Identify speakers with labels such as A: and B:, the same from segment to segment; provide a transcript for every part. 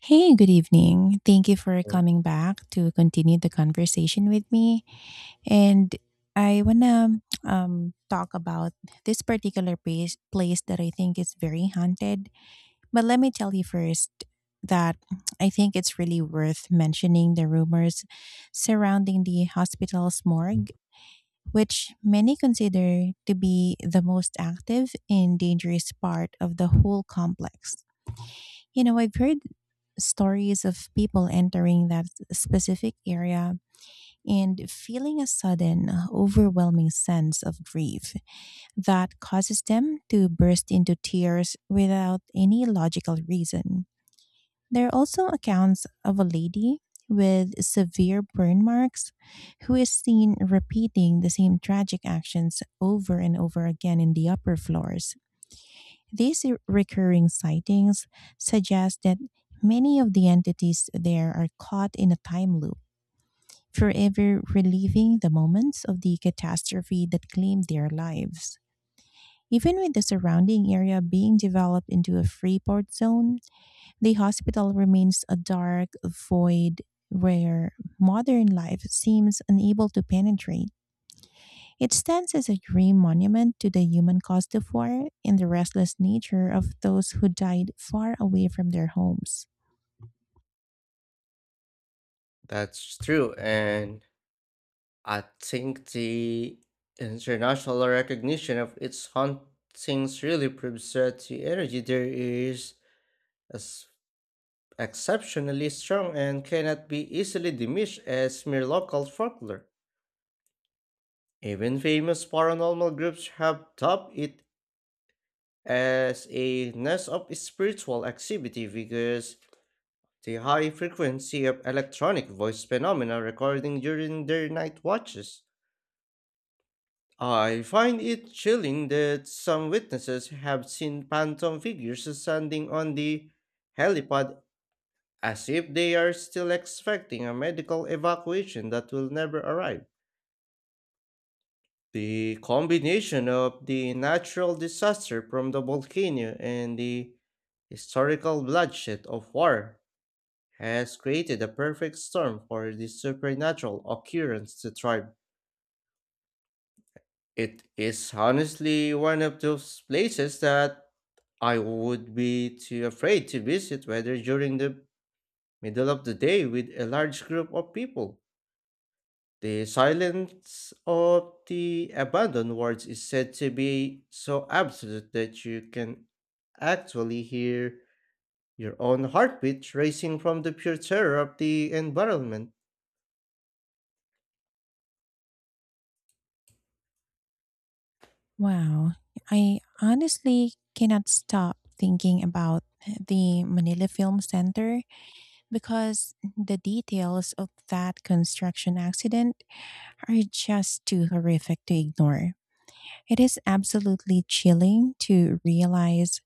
A: Hey, good evening. Thank you for
B: Mm.
A: coming back to continue the conversation with me. And I want to talk about this particular place that I think is very haunted. But let me tell you first that I think it's really worth mentioning the rumors surrounding the hospital's morgue, which many consider to be the most active and dangerous part of the whole complex. You know, I've heard stories of people entering that specific area and feeling a sudden, overwhelming sense of grief that causes them to burst into tears without any logical reason. There are also accounts of a lady with severe burn marks who is seen repeating the same tragic actions over and over again in the upper floors. Recurring sightings suggest that many of the entities there are caught in a time loop, forever reliving the moments of the catastrophe that claimed their lives. Even with the surrounding area being developed into a free port zone, the hospital remains a dark void where modern life seems unable to penetrate. It stands as a grim monument to the human cost of war and the restless nature of those who died far away from their homes.
B: That's true, and I think the international recognition of its hauntings really proves that the energy there is as exceptionally strong and cannot be easily diminished as mere local folklore. Even famous paranormal groups have dubbed it as a nest of spiritual activity because the high frequency of electronic voice phenomena recording during their night watches. I find it chilling that some witnesses have seen phantom figures standing on the helipad as if they are still expecting a medical evacuation that will never arrive. The combination of the natural disaster from the volcano and the historical bloodshed of war has created a perfect storm for this supernatural occurrence to thrive. It is honestly one of those places that I would be too afraid to visit whether during the middle of the day with a large group of people. The silence of the abandoned wards is said to be so absolute that you can actually hear your own heartbeat racing from the pure terror of the environment.
A: Wow. I honestly cannot stop thinking about the Manila Film Center because the details of that construction accident are just too horrific to ignore. It is absolutely chilling to realize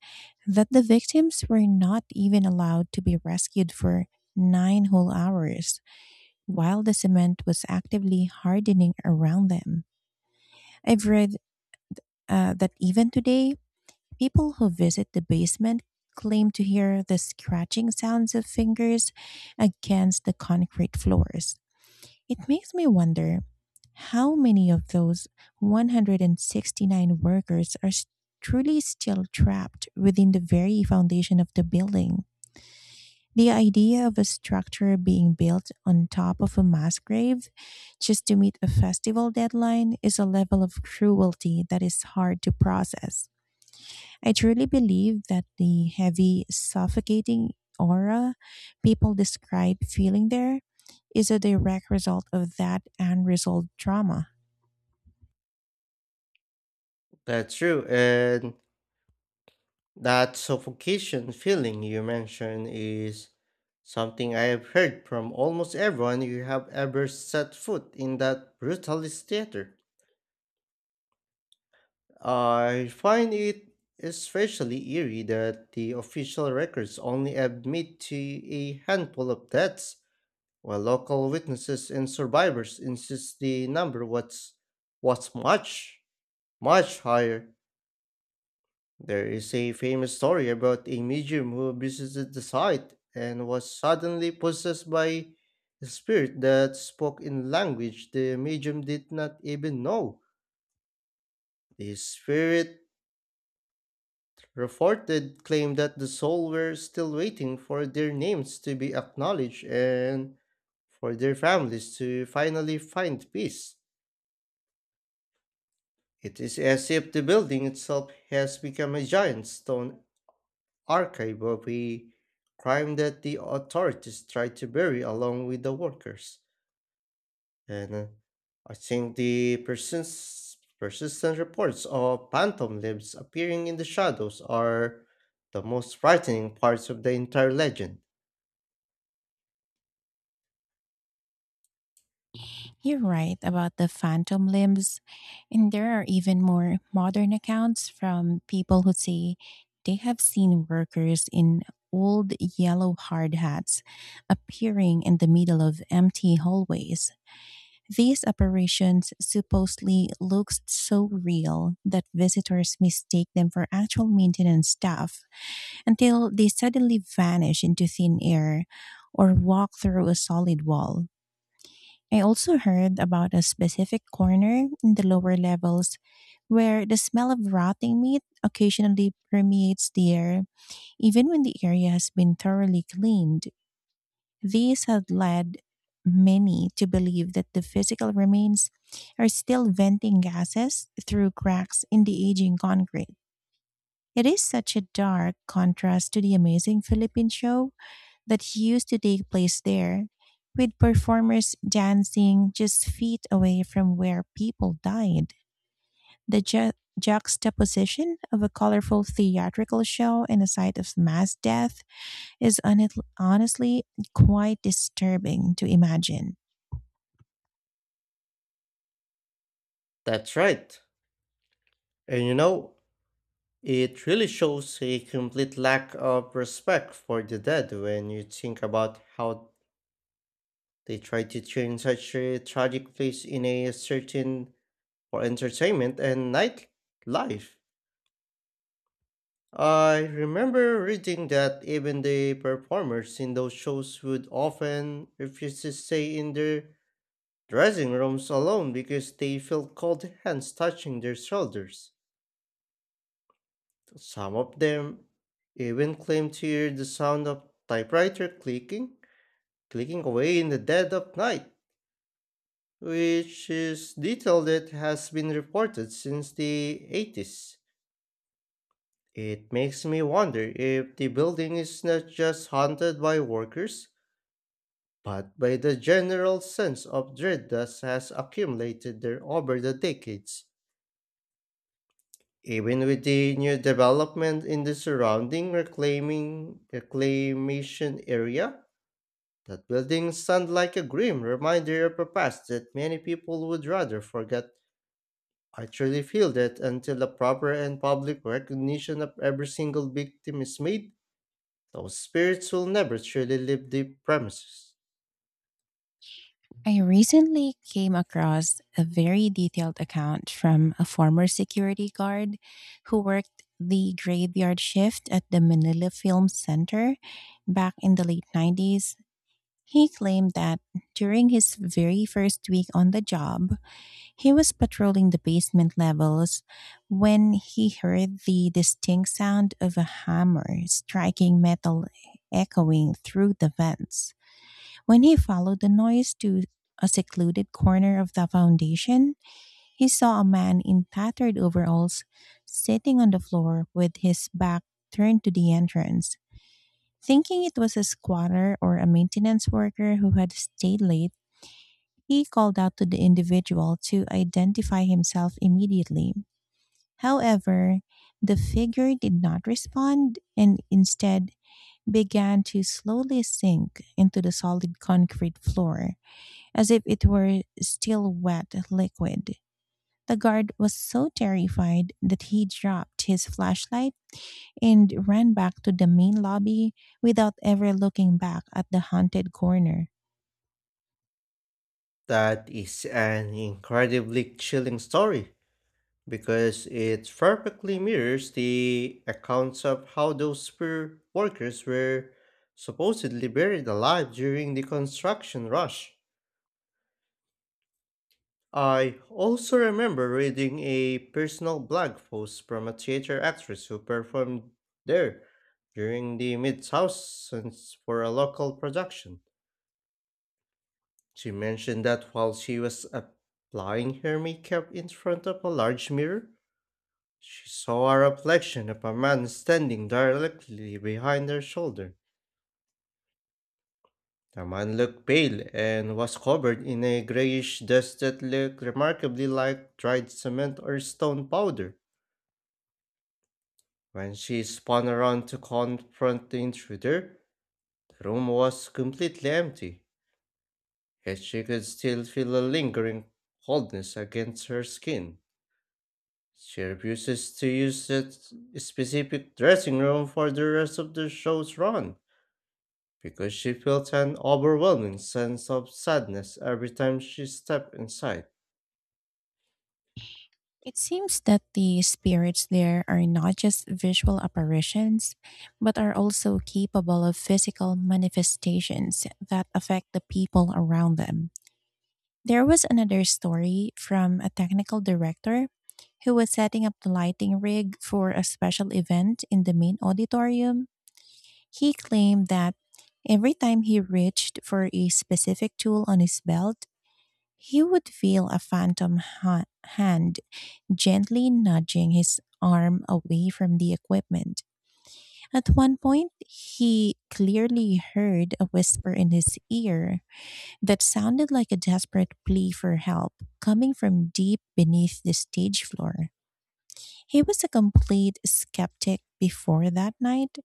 A: that the victims were not even allowed to be rescued for 9 whole hours while the cement was actively hardening around them. I've read that even today, people who visit the basement claim to hear the scratching sounds of fingers against the concrete floors. It makes me wonder how many of those 169 workers truly still trapped within the very foundation of the building. The idea of a structure being built on top of a mass grave just to meet a festival deadline is a level of cruelty that is hard to process. I truly believe that the heavy, suffocating aura people describe feeling there is a direct result of that unresolved trauma.
B: That's true, and that suffocation feeling you mentioned is something I have heard from almost everyone who have ever set foot in that brutalist theater. I find it especially eerie that the official records only admit to a handful of deaths, while local witnesses and survivors insist the number was much, much higher. There is a famous story about a medium who visited the site and was suddenly possessed by a spirit that spoke in language the medium did not even know. The spirit reported claimed that the souls were still waiting for their names to be acknowledged and for their families to finally find peace. It is as if the building itself has become a giant stone archive of a crime that the authorities tried to bury along with the workers. And I think the persistent reports of phantom limbs appearing in the shadows are the most frightening parts of the entire legend.
A: You're right about the phantom limbs, and there are even more modern accounts from people who say they have seen workers in old yellow hard hats appearing in the middle of empty hallways. These operations supposedly looked so real that visitors mistake them for actual maintenance staff until they suddenly vanish into thin air or walk through a solid wall. I also heard about a specific corner in the lower levels where the smell of rotting meat occasionally permeates the air, even when the area has been thoroughly cleaned. These had led many to believe that the physical remains are still venting gases through cracks in the aging concrete. It is such a dark contrast to the amazing Philippine show that used to take place there, with performers dancing just feet away from where people died. The juxtaposition of a colorful theatrical show and a site of mass death is honestly quite disturbing to imagine.
B: That's right. And you know, it really shows a complete lack of respect for the dead when you think about how they tried to turn such a tragic place in a certain for entertainment and nightlife. I remember reading that even the performers in those shows would often refuse to stay in their dressing rooms alone because they felt cold hands touching their shoulders. Some of them even claimed to hear the sound of typewriter clicking, clicking away in the dead of night, which is detail that has been reported since the 80s. It makes me wonder if the building is not just haunted by workers, but by the general sense of dread that has accumulated there over the decades. Even with the new development in the surrounding reclaiming reclamation area, that building sounds like a grim reminder of a past that many people would rather forget. I truly feel that until the proper and public recognition of every single victim is made, those spirits will never truly leave the premises.
A: I recently came across a very detailed account from a former security guard who worked the graveyard shift at the Manila Film Center back in the late '90s. He claimed that during his very first week on the job, he was patrolling the basement levels when he heard the distinct sound of a hammer striking metal echoing through the vents. When he followed the noise to a secluded corner of the foundation, he saw a man in tattered overalls sitting on the floor with his back turned to the entrance. Thinking it was a squatter or a maintenance worker who had stayed late, he called out to the individual to identify himself immediately. However, the figure did not respond and instead began to slowly sink into the solid concrete floor as if it were still wet liquid. The guard was so terrified that he dropped his flashlight and ran back to the main lobby without ever looking back at the haunted corner.
B: That is an incredibly chilling story because it perfectly mirrors the accounts of how those spirit workers were supposedly buried alive during the construction rush. I also remember reading a personal blog post from a theater actress who performed there during the mid thousands for a local production. She mentioned that while she was applying her makeup in front of a large mirror, she saw a reflection of a man standing directly behind her shoulder. The man looked pale and was covered in a grayish dust that looked remarkably like dried cement or stone powder. When she spun around to confront the intruder, the room was completely empty, yet she could still feel a lingering coldness against her skin. She refuses to use that specific dressing room for the rest of the show's run because she felt an overwhelming sense of sadness every time she stepped inside.
A: It seems that the spirits there are not just visual apparitions, but are also capable of physical manifestations that affect the people around them. There was another story from a technical director who was setting up the lighting rig for a special event in the main auditorium. He claimed that every time he reached for a specific tool on his belt, he would feel a phantom hand gently nudging his arm away from the equipment. At one point, he clearly heard a whisper in his ear that sounded like a desperate plea for help coming from deep beneath the stage floor. He was a complete skeptic before that night,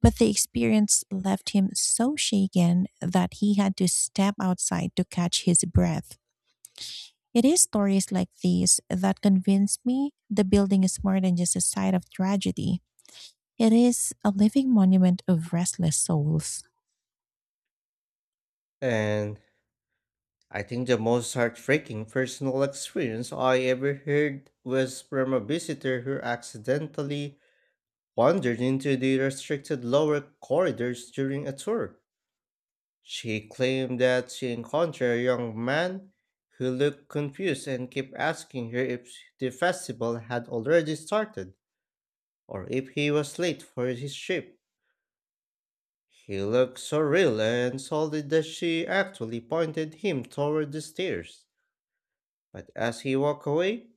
A: but the experience left him so shaken that he had to step outside to catch his breath. It is stories like these that convince me the building is more than just a site of tragedy. It is a living monument of restless souls.
B: And I think the most heartbreaking personal experience I ever heard was from a visitor who accidentally wandered into the restricted lower corridors during a tour. She claimed that she encountered a young man who looked confused and kept asking her if the festival had already started or if he was late for his trip. He looked so real and solid that she actually pointed him toward the stairs. But as he walked away,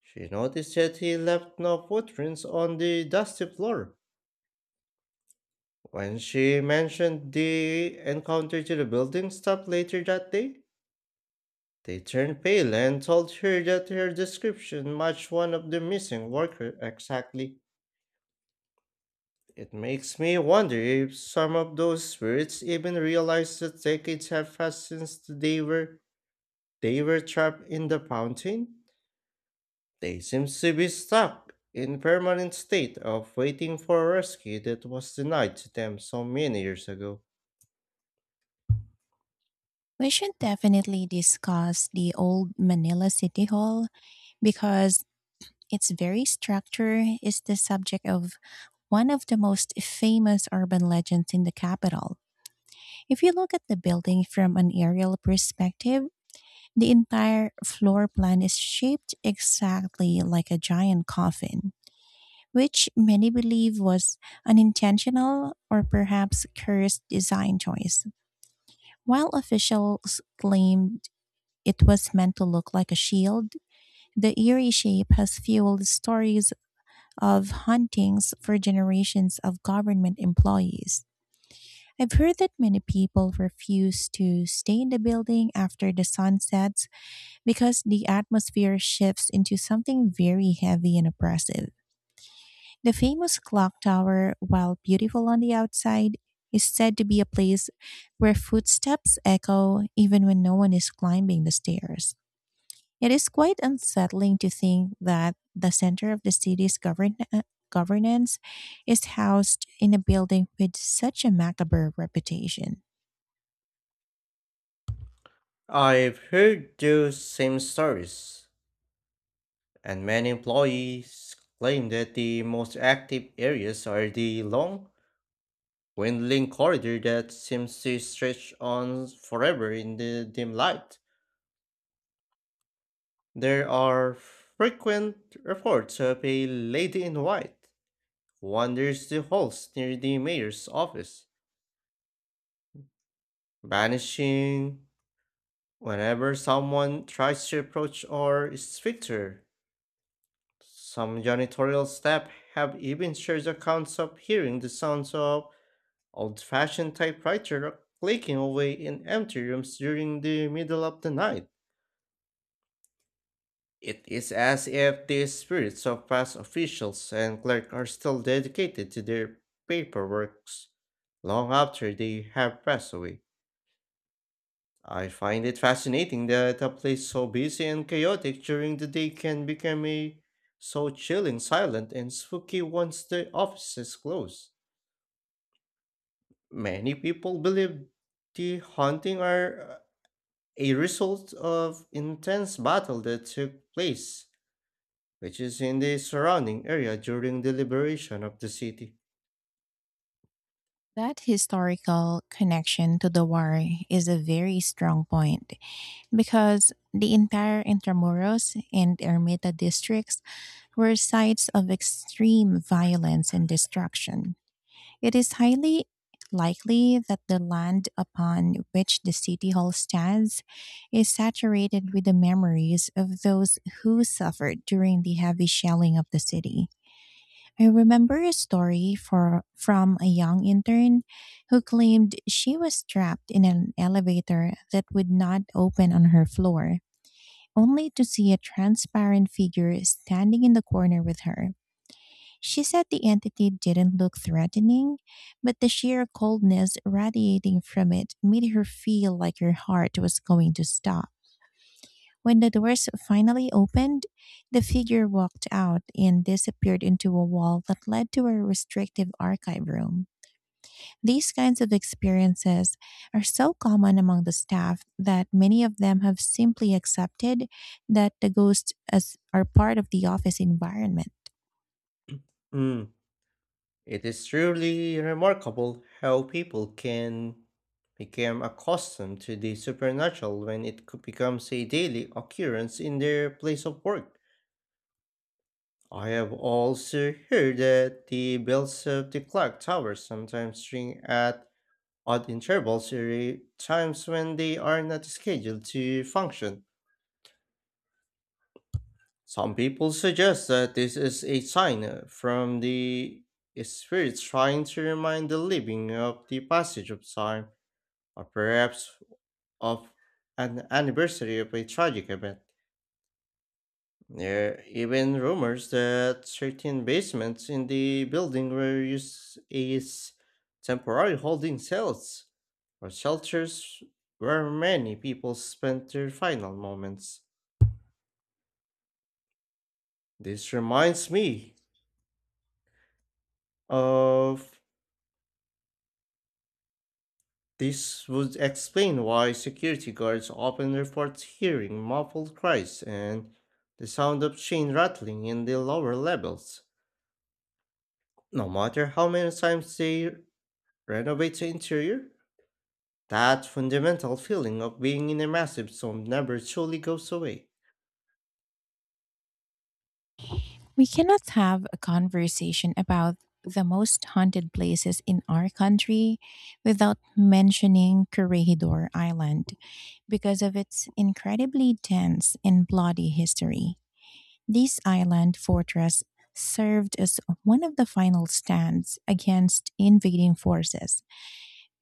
B: she noticed that he left no footprints on the dusty floor. When she mentioned the encounter to the building staff later that day, they turned pale and told her that her description matched one of the missing workers exactly. It makes me wonder if some of those spirits even realized that decades have passed since they were trapped in the fountain. They seem to be stuck in permanent state of waiting for a rescue that was denied to them so many years ago.
A: We should definitely discuss the old Manila City Hall because its very structure is the subject of one of the most famous urban legends in the capital. If you look at the building from an aerial perspective, the entire floor plan is shaped exactly like a giant coffin, which many believe was an intentional or perhaps cursed design choice. While officials claimed it was meant to look like a shield, the eerie shape has fueled stories of hauntings for generations of government employees. I've heard that many people refuse to stay in the building after the sun sets because the atmosphere shifts into something very heavy and oppressive. The famous clock tower, while beautiful on the outside, is said to be a place where footsteps echo even when no one is climbing the stairs. It is quite unsettling to think that the center of the city's governance is housed in a building with such a macabre reputation.
B: I've heard those same stories, and many employees claim that the most active areas are the long, winding corridor that seems to stretch on forever in the dim light. There are frequent reports of a lady in white who wanders the halls near the mayor's office, vanishing whenever someone tries to approach or speak to her. Some janitorial staff have even shared accounts of hearing the sounds of old fashioned typewriter are clicking away in empty rooms during the middle of the night. It is as if the spirits of past officials and clerk are still dedicated to their paperworks long after they have passed away. I find it fascinating that a place so busy and chaotic during the day can become a so chilling, silent, and spooky once the offices close. Many people believe the haunting are a result of intense battle that took place, which is in the surrounding area during the liberation of the city.
A: That historical connection to the war is a very strong point because the entire Intramuros and Ermita districts were sites of extreme violence and destruction. It is highly likely that the land upon which the city hall stands is saturated with the memories of those who suffered during the heavy shelling of the city. I remember a story from a young intern who claimed she was trapped in an elevator that would not open on her floor, only to see a transparent figure standing in the corner with her. She said the entity didn't look threatening, but the sheer coldness radiating from it made her feel like her heart was going to stop. When the doors finally opened, the figure walked out and disappeared into a wall that led to a restrictive archive room. These kinds of experiences are so common among the staff that many of them have simply accepted that the ghosts as are part of the office environment.
B: Mm. It is truly remarkable how people can become accustomed to the supernatural when it becomes a daily occurrence in their place of work. I have also heard that the bells of the clock towers sometimes ring at odd intervals or at times when they are not scheduled to function. Some people suggest that this is a sign from the spirits trying to remind the living of the passage of time, or perhaps of an anniversary of a tragic event. There are even rumors that certain basements in the building were used as temporary holding cells or shelters where many people spent their final moments. This reminds me of This would explain why security guards often report hearing muffled cries and the sound of chain rattling in the lower levels. No matter how many times they renovate the interior, that fundamental feeling of being in a massive zone never truly goes away.
A: We cannot have a conversation about the most haunted places in our country without mentioning Corregidor Island, because of its incredibly dense and bloody history. This island fortress served as one of the final stands against invading forces,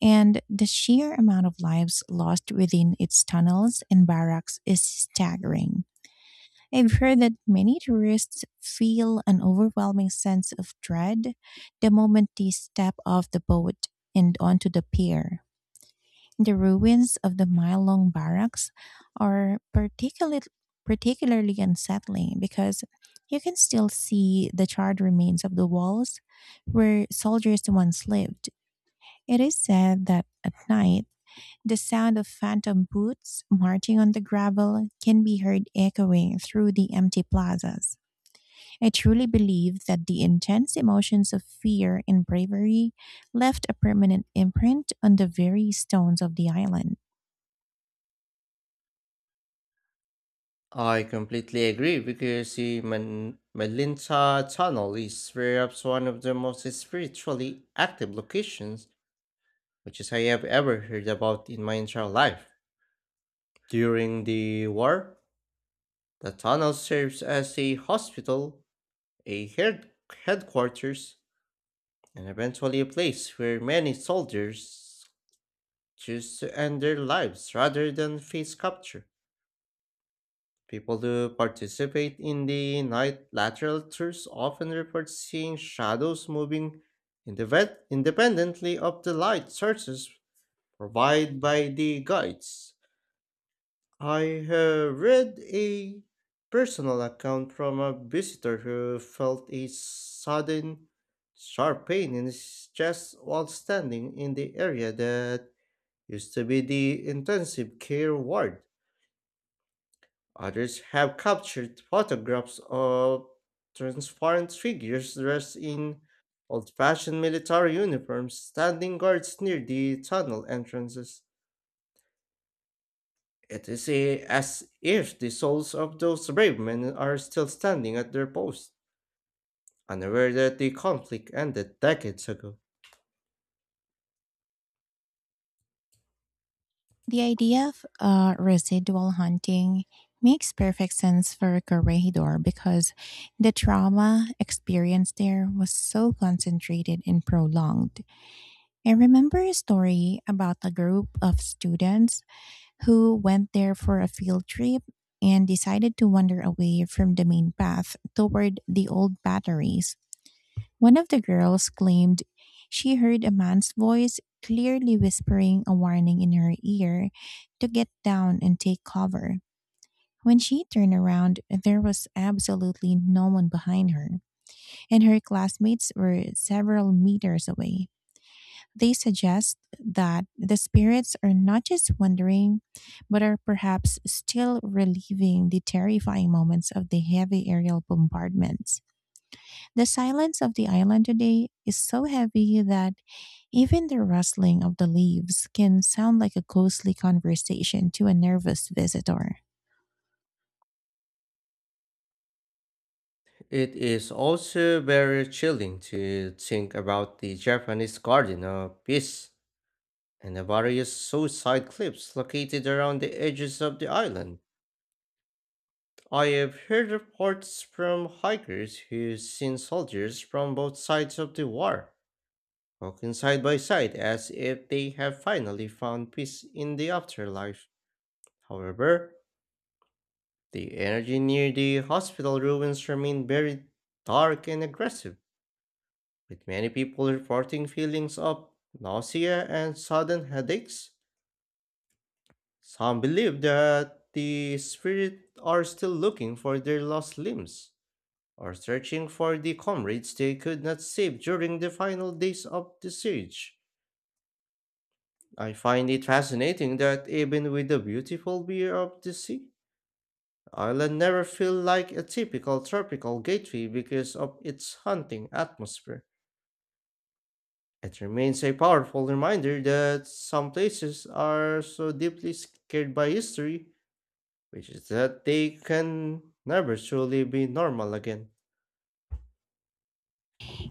A: and the sheer amount of lives lost within its tunnels and barracks is staggering. I've heard that many tourists feel an overwhelming sense of dread the moment they step off the boat and onto the pier. The ruins of the mile long barracks are particularly unsettling because you can still see the charred remains of the walls where soldiers once lived. It is said that at night, the sound of phantom boots marching on the gravel can be heard echoing through the empty plazas. I truly believe that the intense emotions of fear and bravery left a permanent imprint on the very stones of the island.
B: I completely agree because the Melinta Tunnel is perhaps one of the most spiritually active locations which I have ever heard about in my entire life. During the war, the tunnel serves as a hospital, a headquarters, and eventually a place where many soldiers choose to end their lives rather than face capture. People who participate in the night lateral tours often report seeing shadows moving independently of the light sources provided by the guides. I have read a personal account from a visitor who felt a sudden, sharp pain in his chest while standing in the area that used to be the intensive care ward. Others have captured photographs of transparent figures dressed in old fashioned military uniforms standing guards near the tunnel entrances. It is a, as if the souls of those brave men are still standing at their posts, unaware that the conflict ended decades ago.
A: The idea of residual hunting makes perfect sense for Corregidor because the trauma experienced there was so concentrated and prolonged. I remember a story about a group of students who went there for a field trip and decided to wander away from the main path toward the old batteries. One of the girls claimed she heard a man's voice clearly whispering a warning in her ear to get down and take cover. When she turned around, there was absolutely no one behind her, and her classmates were several meters away. They suggest that the spirits are not just wandering, but are perhaps still reliving the terrifying moments of the heavy aerial bombardments. The silence of the island today is so heavy that even the rustling of the leaves can sound like a ghostly conversation to a nervous visitor.
B: It is also very chilling to think about the Japanese Garden of Peace and the various suicide cliffs located around the edges of the island. I have heard reports from hikers who've seen soldiers from both sides of the war walking side by side as if they have finally found peace in the afterlife. However, the energy near the hospital ruins remained very dark and aggressive, with many people reporting feelings of nausea and sudden headaches. Some believe that the spirits are still looking for their lost limbs or searching for the comrades they could not save during the final days of the siege. I find it fascinating that even with the beautiful view of the sea, Ireland never feel like a typical tropical gateway because of its hunting atmosphere. It remains a powerful reminder that some places are so deeply scared by history, which is that they can never truly be normal again.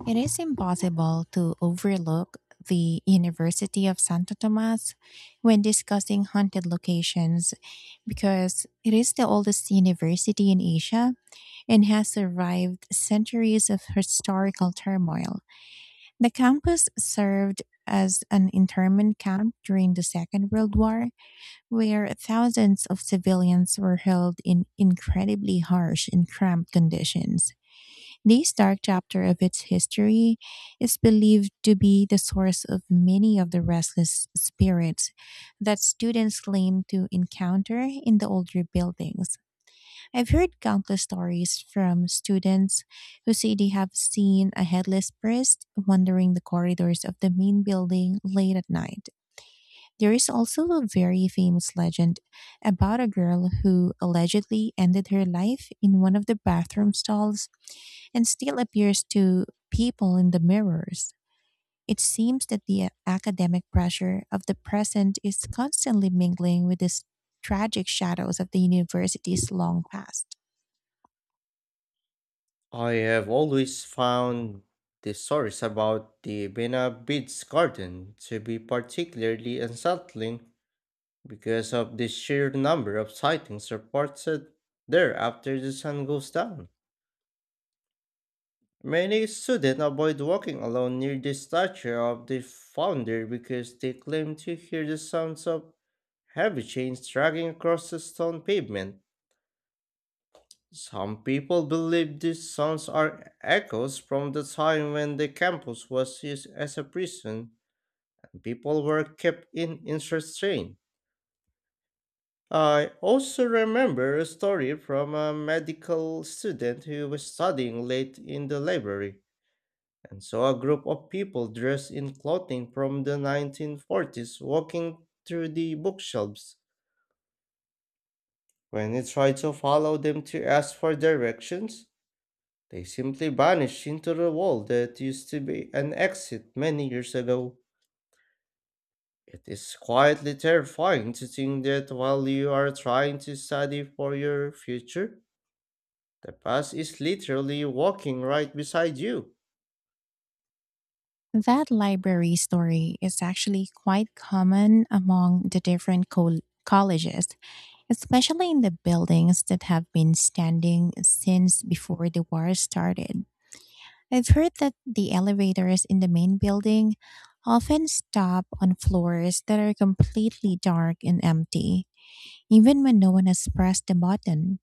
A: It is impossible to overlook the University of Santo Tomas when discussing haunted locations because it is the oldest university in Asia and has survived centuries of historical turmoil. The campus served as an internment camp during the Second World War, where thousands of civilians were held in incredibly harsh and cramped conditions. This dark chapter of its history is believed to be the source of many of the restless spirits that students claim to encounter in the older buildings. I've heard countless stories from students who say they have seen a headless priest wandering the corridors of the main building late at night. There is also a very famous legend about a girl who allegedly ended her life in one of the bathroom stalls and still appears to people in the mirrors. It seems that the academic pressure of the present is constantly mingling with these tragic shadows of the university's long past.
B: I have always found the stories about the Bena Beach Garden to be particularly unsettling because of the sheer number of sightings reported there after the sun goes down. Many students avoid walking alone near the statue of the founder because they claim to hear the sounds of heavy chains dragging across the stone pavement. Some people believe these sounds are echoes from the time when the campus was used as a prison, and people were kept in insane. I also remember a story from a medical student who was studying late in the library and saw a group of people dressed in clothing from the 1940s walking through the bookshelves. When he tried to follow them to ask for directions, they simply vanished into the wall that used to be an exit many years ago. It is quietly terrifying to think that while you are trying to study for your future, the past is literally walking right beside you.
A: That library story is actually quite common among the different colleges, especially in the buildings that have been standing since before the war started. I've heard that the elevators in the main building often stop on floors that are completely dark and empty, even when no one has pressed the button.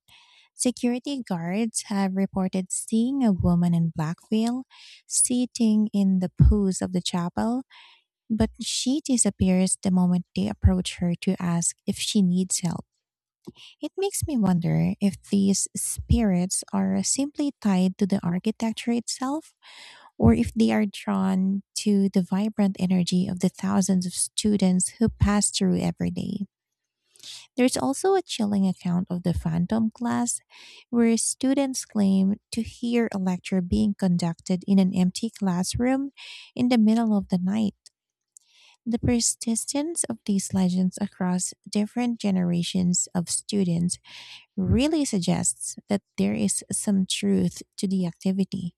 A: Security guards have reported seeing a woman in black veil sitting in the pews of the chapel, but she disappears the moment they approach her to ask if she needs help. It makes me wonder if these spirits are simply tied to the architecture itself, or if they are drawn to the vibrant energy of the thousands of students who pass through every day. There's also a chilling account of the phantom class, where students claim to hear a lecture being conducted in an empty classroom in the middle of the night. The persistence of these legends across different generations of students really suggests that there is some truth to the activity.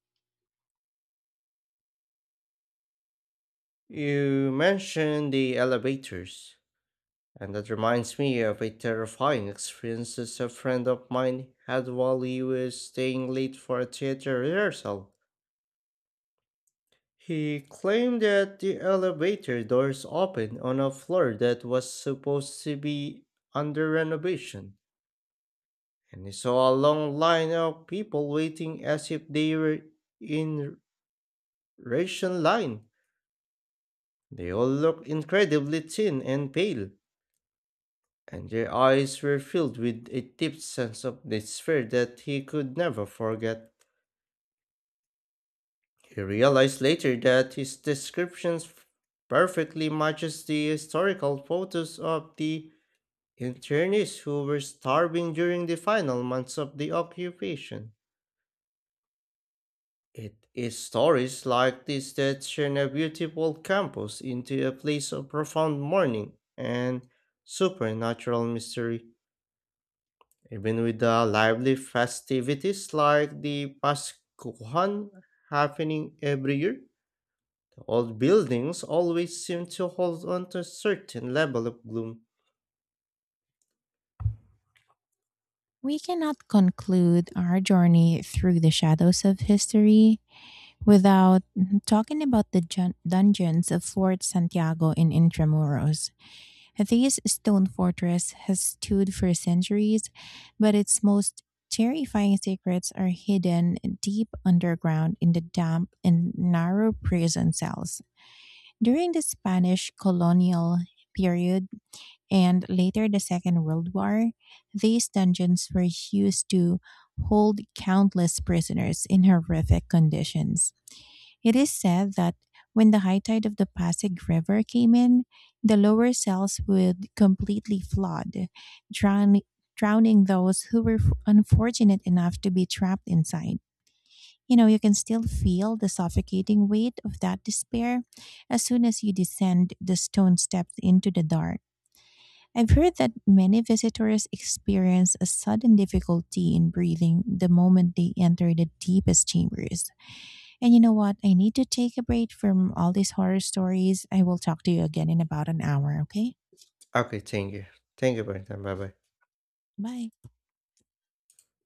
B: You mentioned the elevators, and that reminds me of a terrifying experience that a friend of mine had while he was staying late for a theater rehearsal. He claimed that the elevator doors opened on a floor that was supposed to be under renovation, and he saw a long line of people waiting as if they were in ration line. They all looked incredibly thin and pale, and their eyes were filled with a deep sense of despair that he could never forget. He realized later that his descriptions perfectly matches the historical photos of the internees who were starving during the final months of the occupation. It is stories like this that turn a beautiful campus into a place of profound mourning and supernatural mystery. Even with the lively festivities like the Pascuhan happening every year, the old buildings always seem to hold on to a certain level of gloom.
A: We cannot conclude our journey through the shadows of history without talking about the dungeons of Fort Santiago in Intramuros. This stone fortress has stood for centuries, but its most terrifying secrets are hidden deep underground in the damp and narrow prison cells. During the Spanish colonial period, and later the Second World War, these dungeons were used to hold countless prisoners in horrific conditions. It is said that when the high tide of the Pasig River came in, the lower cells would completely flood, drown, drowning those who were unfortunate enough to be trapped inside. You know, you can still feel the suffocating weight of that despair as soon as you descend the stone steps into the dark. I've heard that many visitors experience a sudden difficulty in breathing the moment they enter the deepest chambers. And you know what? I need to take a break from all these horror stories. I will talk to you again in about an hour, okay?
B: Okay, thank you. Thank you, Brendan. Bye bye.
A: Bye.